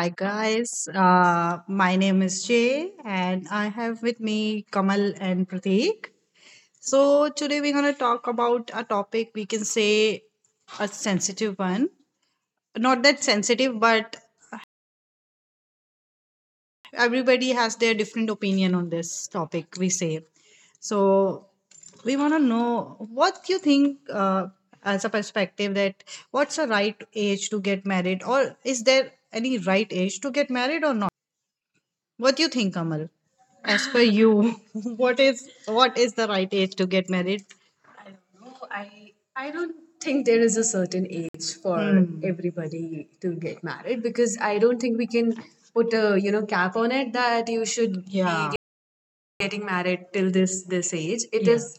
Hi guys, my name is Jay and I have with me Kamal and Prateek. So today we're going to talk about a topic, we can say a sensitive one. Not that sensitive, but everybody has their different opinion on this topic, we say. So we want to know what you think, as a perspective, that what's the right age to get married, or is there any right age to get married or not? What do you think, Kamal? As per you, what is the right age to get married? I don't know. I don't think there is a certain age for, hmm, everybody to get married, because I don't think we can put a, you know, cap on it that you should be, yeah, getting married till this age. It, yeah, is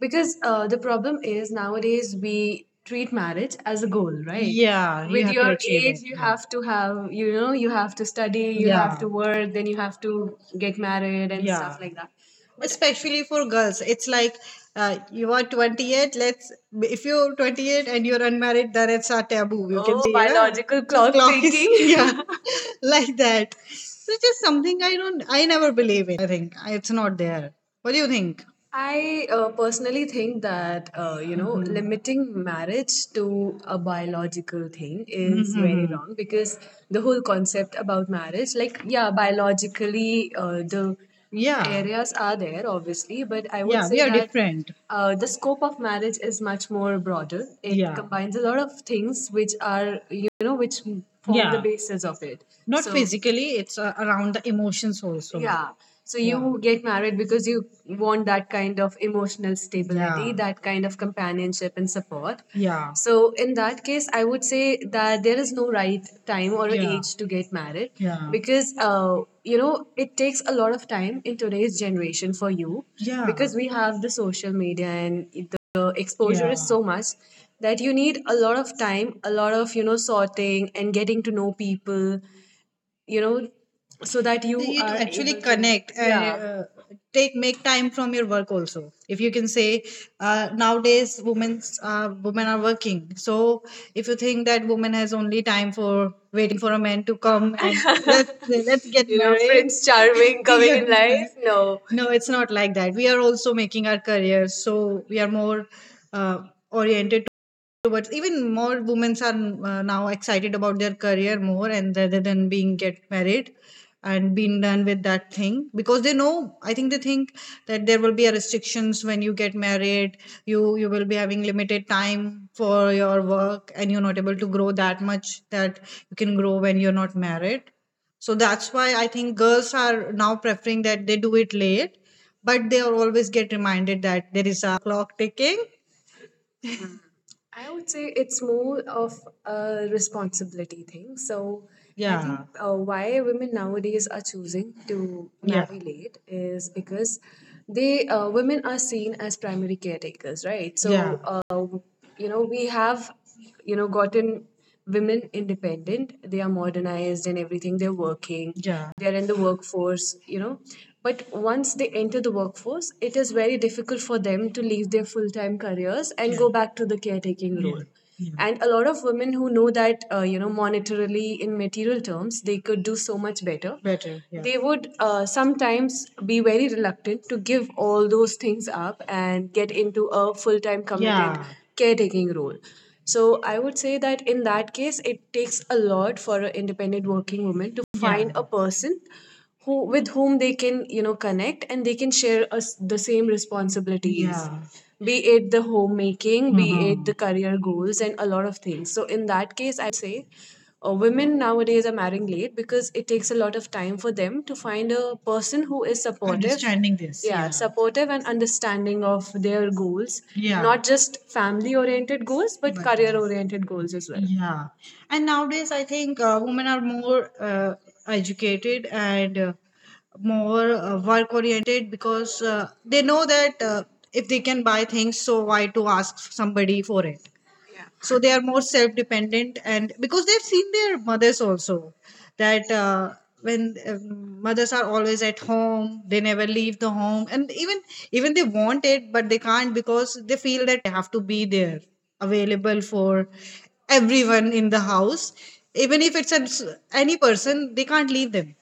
because, the problem is, nowadays we treat marriage as a goal, right? Yeah. You, with have to your achieve age, it. You, yeah, have to have, you know, you have to study, you have, yeah, to work, then you have to get married and stuff, yeah, like that. Especially for girls, it's like, you are 28. Let's, if you're 28 and you're unmarried, then it's a taboo, you can. Oh, oh, yeah, biological clock is ticking. Yeah, like that. So it's just something I never believe think it's not there. What do you think? I, personally think that, you know, hmm, limiting marriage to a biological thing is very, hmm, wrong, because the whole concept about marriage, like, yeah, biologically, the, yeah, areas are there, obviously, but I would, yeah, we say are that different. The scope of marriage is much more broader. It, yeah, combines a lot of things which are, you know, which form, yeah, the basis of it. Not, so, physically, it's, around the emotions also. Yeah. So you, yeah, get married because you want that kind of emotional stability, yeah, that kind of companionship and support. Yeah. So in that case, I would say that there is no right time or, yeah, age to get married, yeah, because, you know, it takes a lot of time in today's generation for you, yeah, because we have the social media and the exposure, yeah, is, yeah, so much that you need a lot of time, a lot of, you know, sorting and getting to know people, you know, so that you are actually able to connect, yeah, and, yeah, take make time from your work also, if you can say. Nowadays, women are working, so if you think that woman has only time for waiting for a man to come and let's get, you know, married, Prince Charming coming yeah, in life. No, no, it's not like that. We are also making our careers, so we are more, uh, oriented towards, even more women are, now excited about their career more, and rather than being get married and being done with that thing, because they know, I think they think that there will be a restrictions when you get married, you will be having limited time for your work, and you're not able to grow that much that you can grow when you're not married. So that's why I think girls are now preferring that they do it late, but they are always get reminded that there is a clock ticking. I would say it's more of a responsibility thing. So I think, yeah, why women nowadays are choosing to, yeah, marry late is because they, women are seen as primary caretakers, right? Yeah. So, Yeah. You know, we have, you know, gotten women independent, they are modernized and everything, they're working, yeah, they're in the workforce, you know, but once they enter the workforce, it is very difficult for them to leave their full-time careers and, yeah, go back to the caretaking, yeah, role, yeah, and a lot of women who know that, you know, monetarily in material terms they could do so much better. Better. Yeah. They would, sometimes be very reluctant to give all those things up and get into a full time committed, yeah, caretaking role. So I would say that in that case, it takes a lot for an independent working woman to, yeah, find a person who with whom they can, you know, connect and they can share us the same responsibilities, yeah, be it the homemaking, be it, hmm, the, mhm, career goals, and a lot of things. So in that case, would say, women nowadays are marrying late because it takes a lot of time for them to find a person who is supportive. Understanding this, yeah, yeah, supportive and understanding of their goals, yeah, not just family oriented goals, but career oriented goals as well. Yeah, and nowadays I think, women are more, educated and, more, work oriented, because, they know that, if they can buy things, so why to ask somebody for it? So they are more self-dependent, and because they've seen their mothers also, that, when, mothers are always at home, they never leave the home, and even they want it, but they can't, because they feel that have to be there available for everyone in the house, even if it's a, any person, they can't leave them.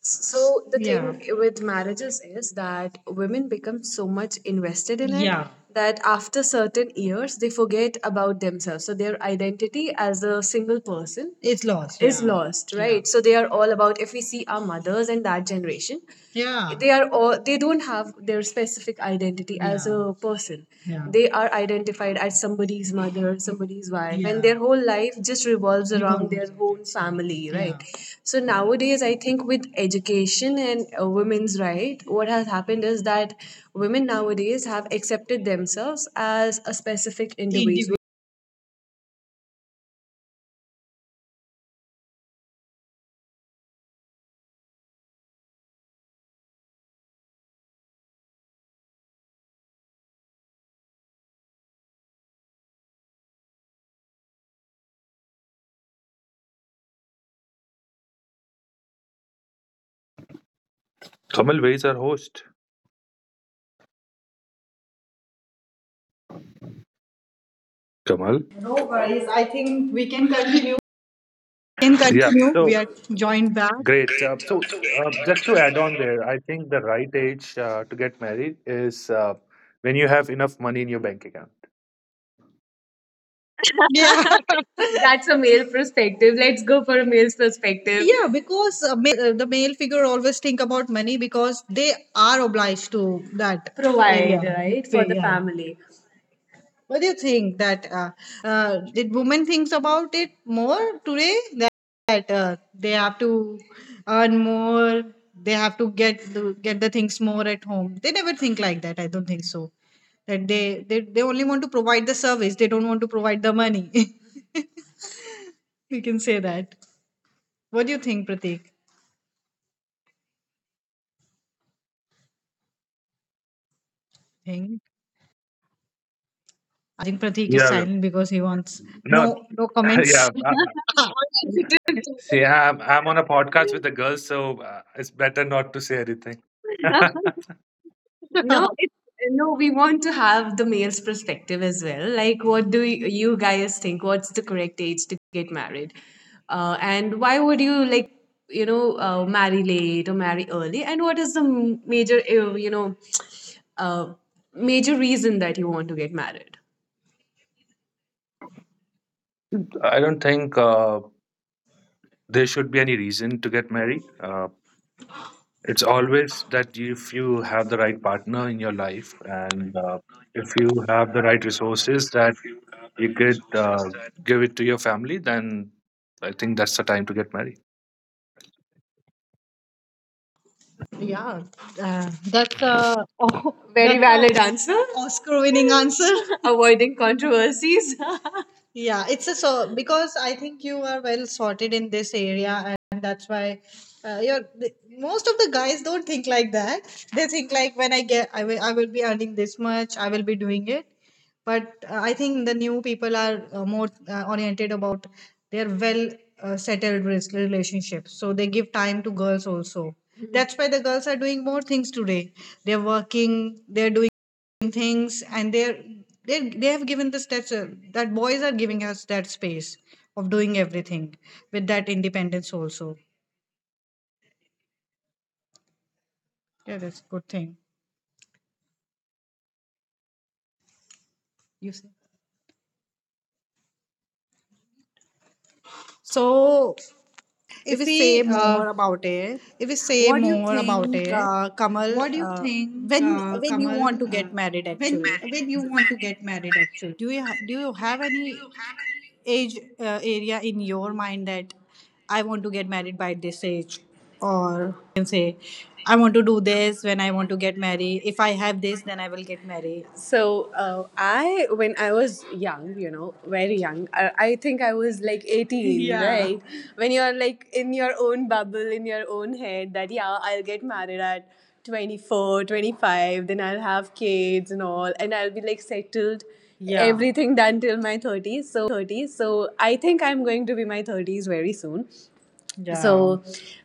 So the, yeah, thing with marriages is that women become so much invested in it, yeah, that after certain years they forget about themselves. So their identity as a single person, it's lost, is, yeah, lost, yeah, right? So they are all about, if we see our mothers and that generation, yeah, they are all, they don't have their specific identity as, yeah, a person, yeah, they are identified as somebody's mother, somebody's wife, yeah, and, yeah, their whole life just revolves around their own family, right, yeah, so nowadays I think with education and, women's right, what has happened is that women nowadays have accepted themselves as a specific individual. Kamal, where is our host? Kamal? No worries. I think we can continue. Can Yeah, continue. We so are joined back. great. Just to add on there, I think the right age to get married is when you have enough money in your bank account. Yeah. That's a male perspective. Let's go for a male's perspective. Yeah, because, male, the male figure always think about money, because they are obliged to that provide area, right, for, well, the, yeah, family. What do you think, that, did women thinks about it more today, that, they have to earn more, they have to get the things more at home. They never think like that. I don't think so. That they only want to provide the service. They don't want to provide the money. We can say that. What do you think, Pratik? Think think Pratik is Yeah, yeah. silent because he wants No, no, no comments. yeah. See, I'm on a podcast with the girls, so it's better not to say anything. No, it, no, we want to have the male's perspective as well. Like, what do you guys think? What's the correct age to get married? And why would you, like, you know, marry late or marry early? And what is the major, you know, uh, major reason that you want to get married? I don't think there should be any reason to get married. It's always that if you have the right partner in your life and if you have the right resources that you could give it to your family, then I think that's the time to get married. Yeah, that's a oh, very, that's a valid answer. Oscar-winning answer. Avoiding controversies. Yeah, it's a, so because I think you are well sorted in this area, and that's why, you're th- most of the guys don't think like that. They think like, when I get, I will be earning this much, I will be doing it. But, I think the new people are, more, oriented about their, well, settled res- relationships. So they give time to girls also. Mhm. That's why the girls are doing more things today. They're working, they're doing things, and they're they have given the, that's, that boys are giving us that space of doing everything with that independence also. Yeah, that's a good thing, you say. So If if we say we uh, more about it, if we say what do you more about think, it, Kamal? what do you Uh, think, when when you Kamal, want to get married, when actually? when you want to get married? Actually, Do you have any age, area in your mind, that I want to get married by this age, or you can say I want to do this when I want to get married. If I have this, then I will get married. So, when I was young, very young, I think I was like 18, yeah, right? When you're like in your own bubble, in your own head, that, yeah, I'll get married at 24, 25, then I'll have kids and all, and I'll be like settled, yeah, everything done till my 30s. So I think I'm going to be my 30s very soon. Yeah. So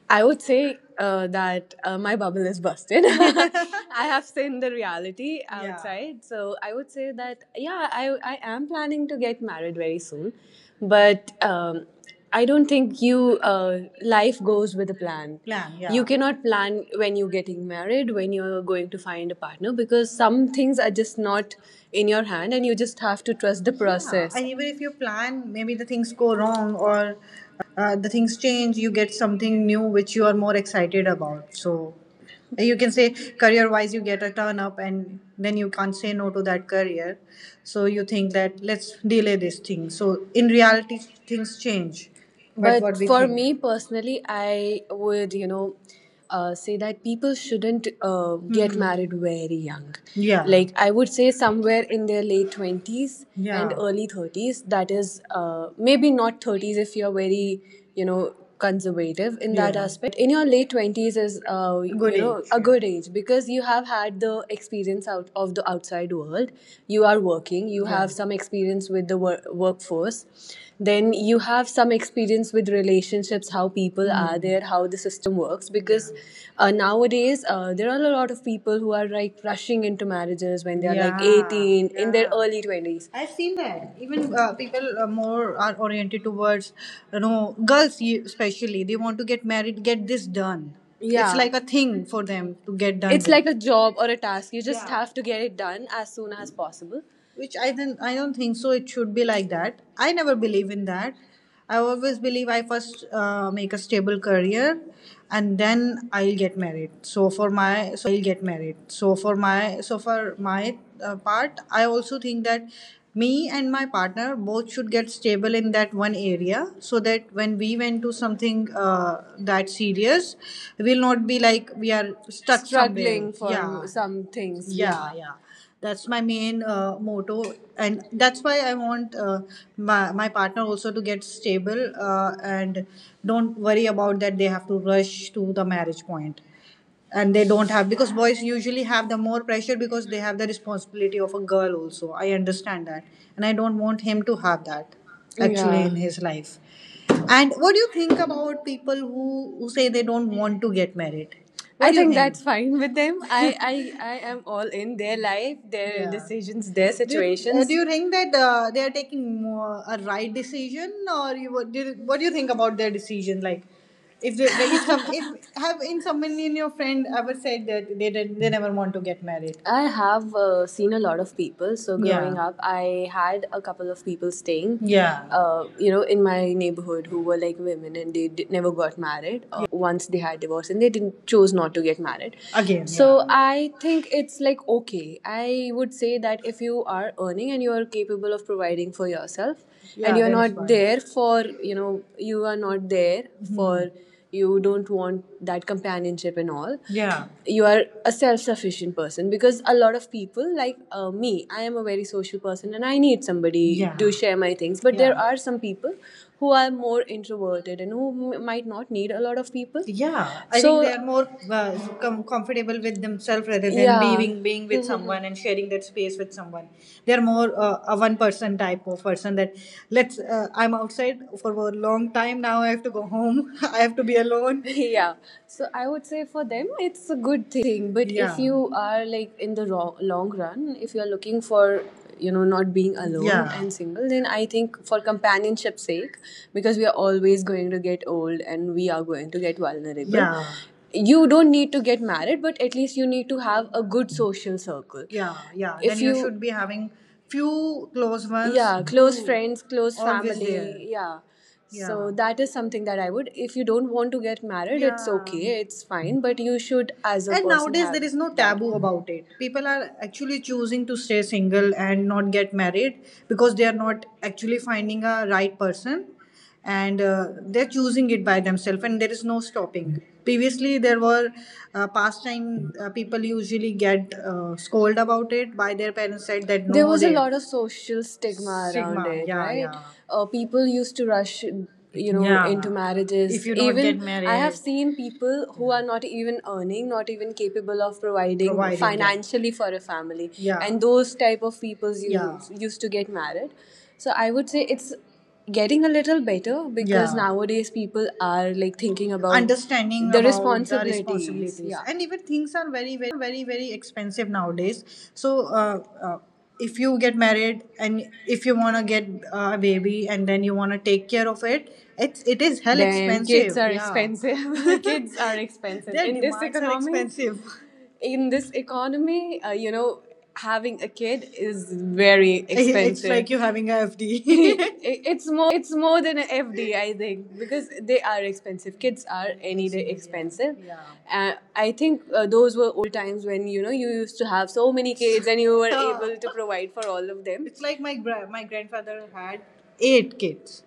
I would say that my bubble is busted. I have seen the reality, yeah, outside. So I would say that, yeah, I am planning to get married very soon. But I don't think life goes with a plan. Plan, yeah. You, yeah, cannot plan when you're getting married, when you're going to find a partner, because some things are just not in your hand, and you just have to trust the, yeah, process. And even if you plan, maybe the things go wrong, or the things change. You get something new which you are more excited about, so you can say career wise, you get a turn up, and then you can't say no to that career, so you think that let's delay this thing. So in reality, things change. But what we for think me personally, I would, say that people shouldn't get, mm-hmm, married very young. Yeah. Like I would say somewhere in their late 20s, yeah, and, yeah, early 30s. That is maybe not thirties if you're very you know conservative in that, yeah, aspect, but in your late 20s is good age. A, yeah, good age, because you have had the experience out of the outside world. You are working. You, yeah, have some experience with the workforce, then you have some experience with relationships, how people, mm, are, hmm, there, how the system works, because, yeah, nowadays, there are a lot of people who are like rushing into marriages when they are like, yeah, like 18, yeah, in their early 20s. I've seen that. Even, people more are oriented towards, girls, especially. They want to get married, get this done. Yeah, it's, yeah, like a thing for them to get done, it's with, like a job or a task. You just, yeah, have to get it done as soon as possible, which I don't think so. It should be like that. I never believe in that. I always believe I first make a stable career, and then I'll get married. So for my part, I also think that me and my partner both should get stable in that one area, so that when we went to something that serious, we'll not be like we are stuck somewhere, struggling for, yeah, some things, yeah, yeah, yeah. That's my main motto, and that's why I want my partner also to get stable, and don't worry about that they have to rush to the marriage point, and they don't have, because boys usually have the more pressure, because they have the responsibility of a girl also. I understand that, and I don't want him to have that actually, yeah, in his life. And what do you think about people who say they don't want to get married? What I do you think? That's fine with them. I, I am all in their life, their, yeah, decisions, their, do you, situations. Do you think that they are taking a right decision, or what do you think about their decision? Like, if there is some, if have in someone in your friend ever said that they did, they never want to get married. I have seen a lot of people. So, yeah, growing, yeah, up, I had a couple of people staying, yeah, in my neighborhood, who were like women, and they never got married, or, yeah, they just like, once they had divorce, and they didn't chose not to get married again. So, yeah, I think it's like okay. I would say that if you are earning, and you are capable of providing for yourself, yeah, and you're that not fine, there for, you know you are not there, mm-hmm, for, you don't want that companionship and all, yeah, you are a self-sufficient person, because a lot of people, like, me, I am a very social person, and I need somebody, yeah, to share my things. But, yeah, there, yeah, are some people who are more introverted, and who might not need a lot of people. Yeah. I, think they are more comfortable with themselves rather than, yeah, being with someone, and sharing that space with someone. They're more a one person type of person, that let's. I'm outside for a long time now. I have to go home. I have to be alone. Yeah, so I would say for them it's a good thing, but if, yeah, you are like in the long run, if you're looking for, not being alone, yeah, and single, then I think, for companionship's sake, because we are always going to get old, and we are going to get vulnerable, yeah, you don't need to get married, but at least you need to have a good social circle, yeah, yeah. If then you, should be having few close ones, yeah, close friends, close family there, yeah, yeah. So that is something that I would, if you don't want to get married, yeah, it's, yeah, okay, it's fine, but you should, as a, and person nowadays, have, there is no taboo about it. People are actually choosing to stay single and not get married, because they are not actually finding a right person, and they're choosing it by themselves, and there is no stopping. Previously, there were, past time, people usually get scold about it by their parents, said that, no, there was a, they lot of social stigma around stigma it, yeah, right, yeah. People used to rush, you know, yeah, into marriages. If you don't get even get, I have married seen people who, yeah, are not even earning, not even capable of providing, yeah, financially, for a family, yeah, and those type of people, yeah, used to get married. So I would say it's getting a little better, because, yeah, nowadays people are like thinking about understanding the about responsibilities, the responsibilities, yeah, and even things are very, very expensive nowadays. So uh, uh, if you get married, and if you want to get a baby, and then you want to take care of it, it is hell. Damn expensive, kids are, yeah, expensive. Kids are expensive. Their in this economy, expensive in this economy, having a kid is very expensive. It's like you having a FD. It's more than an FD, I think, because they are expensive. Kids are any day expensive. Yeah. I think those were old times when, you used to have so many kids, and you were able to provide for all of them. It's like my grandfather had eight kids.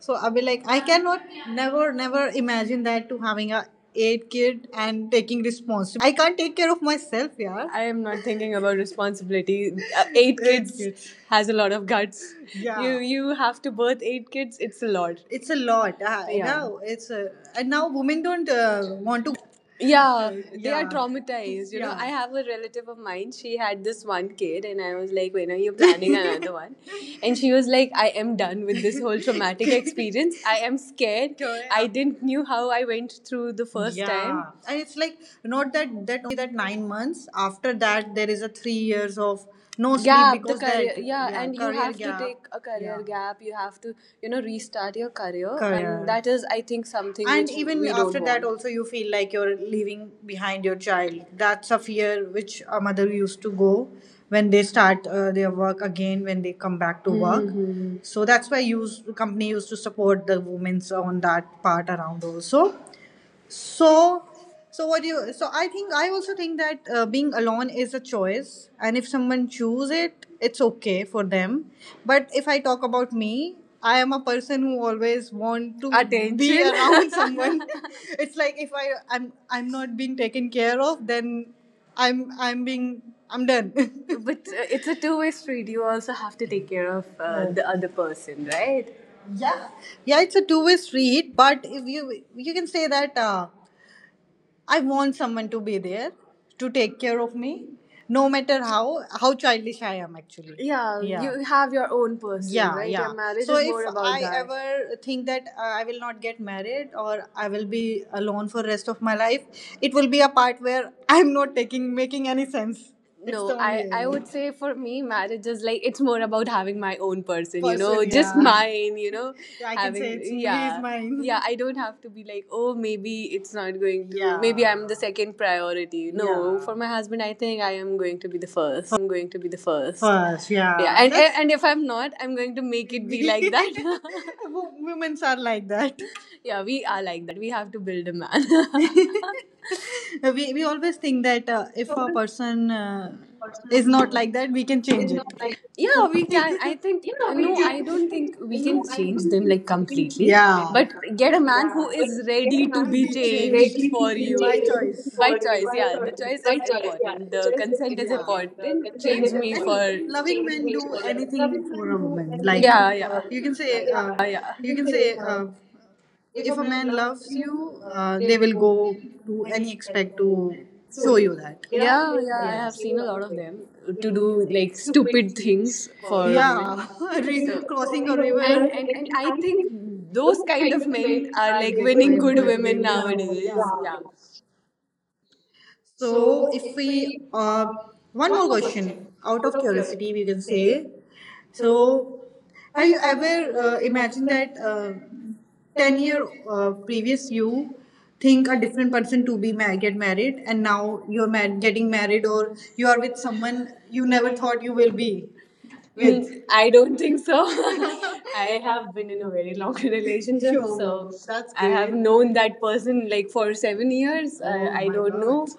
So I'll be like, I cannot, never, never imagine that to having a eight kid and taking responsibility. I can't take care of myself, yeah. I am not thinking about responsibility. Eight kids. Has a lot of guts. You, yeah, you have to birth eight kids. It's a lot. It's a lot. Yeah. Now and now women don't want to go through that, yeah. They are, yeah, traumatized, yeah. I have a relative of mine, she had this one kid, and I was like, when are you planning another one? And she was like, I am done with this whole traumatic experience. I am scared. Correct. I didn't knew how I went through the first, yeah. Time, yeah. And it's like not that only that 9 months, after that there is a 3 years of no sleep gap, the because career that yeah yeah, and you career have to gap take a career gap. You have to, you know, restart your career, and career that is, I think, something. And which even we don't after that want also. You feel like you're leaving behind your child. That's a fear which a mother used to go when they start their work again, when they come back to work. Mm-hmm. So that's why use company used to support the women's on that part around also. So so what do you so I think I also think that being alone is a choice, and if someone choose it, it's okay for them. But if I talk about me, I am a person who always want to be Attention. Around someone. It's like if I'm not being taken care of, then I'm being, I'm done. But it's a two-way street. You also have to take care of yeah, the other person, right? Yeah, yeah, it's a two-way street. But if you, you can say that I want someone to be there to take care of me, no matter how childish I am, actually. Yeah, yeah, you have your own person, yeah, right? Yeah. Your marriage is if more about I that. Ever think that I will not get married, or I will be alone for rest of my life. It will be a part where I'm not taking making any sense. No, I would say, for me marriage is like, it's more about having my own person, you know. Person, just yeah, mine, you know. I can having say it's, yeah, he's mine. Yeah, I don't have to be like, oh, maybe it's not going to, yeah, maybe I'm the second priority. No, yeah, for my husband, I think I am going to be the first. First, yeah, yeah. And and if I'm not, I'm going to make it be like that. Women's are like that. Yeah, we are like that. We have to build a man. We always think that if a person is person, not like that, we can change is not it. like, Yeah, we can. I think yeah, we no, can, I I don't think, think we can no, I change don't them think like we can completely. change them Yeah. like But get a completely. man Yeah. who But is get ready a to, man be, who is changed, changed ready to for be you. By changed choice. By for you. choice, By yeah. The choice. choice is Right choice, yeah. important. The The choice is consent is, yeah, important. The important. consent Change is me and- important. for loving, Change men do makes for love, anything is, for can a do woman. Like, anything yeah, for yeah, a you can woman. Like, yeah, yeah, you can say, say if a if a man man loves loves you, you, they they will will go go to and any try expect to to show show you. you that. Yeah, Yeah, yeah, I, yeah, yeah. yeah, I've have seen a seen a lot lot of of them them to to do do like like stupid stupid things things for for. women. Yeah, Yeah, I think crossing a a river. and, woman, and And, and and I I think think those those kind kind of of men men are are Like like winning really good good women women now, now. nowadays. Yeah. Yeah. Yeah. So, So if if we, we, uh, uh, one one more more question question out out of of curiosity, curiosity, you we would can say. say. So So, have have you you ever, ever imagined imagined that, that ten 10 year, year previous previous you you think think a a different different person person to to be be married, get get married, married, and and now now you're you're married, getting getting married, married, or or you you're are with with someone someone you you never never thought thought you you will would be be with? with? Mm, I I don't don't think think so. so. I I have have been in been a already very long now in a relationship. relationship, Sure, so all of that. that's, I I have have great, known known that that person person like like for for seven seven years. years. Oh, I, I I my don't don't know. know. God.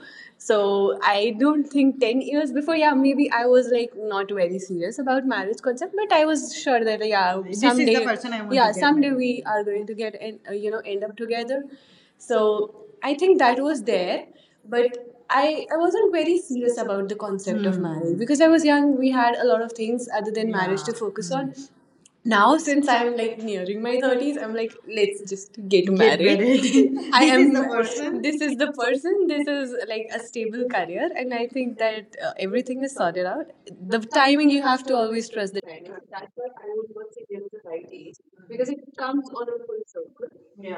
So So I I don't don't think think ten ten years years before. before, yeah, Yeah, maybe maybe I I was was then like not not very very serious serious about about marriage marriage concept, concept, but but I I was was sure sure that, that, yeah, This is the someday, person I want to, yeah, yeah, get someday someday married we we to. Are are going going to to get get, And you you know, know, end end up up together. together. So So I I think think that that was was there, there, but but I I wasn't wasn't very very serious serious about about the the concept concept of, of hmm, marriage marriage because because I I was was young. young. We We had had a a lot of lot of things things other other than than marriage marriage to, yeah, to focus focus on. on. Now, Now, since since I'm I'm like like in nearing my my 30s, thirties, I'm I'm like, like, let's just get married. energy. I I This am is am the the person. person. This This is is like, the the person person. that This is is like like a a stable stable career, career, and and I I think think that, that everything everything is is sorted sorted out. out. The The timing, timing you you have have to to always always trust. trust The the timing. That's why I would not say there is a right age, because it comes on a full circle. Yeah.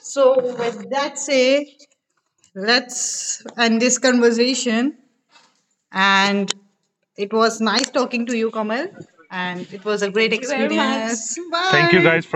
So, with that say, let's end this conversation. And it was nice talking to you, Kamal. And it was a great, thank you very much, experience. Thank you Bye. guys for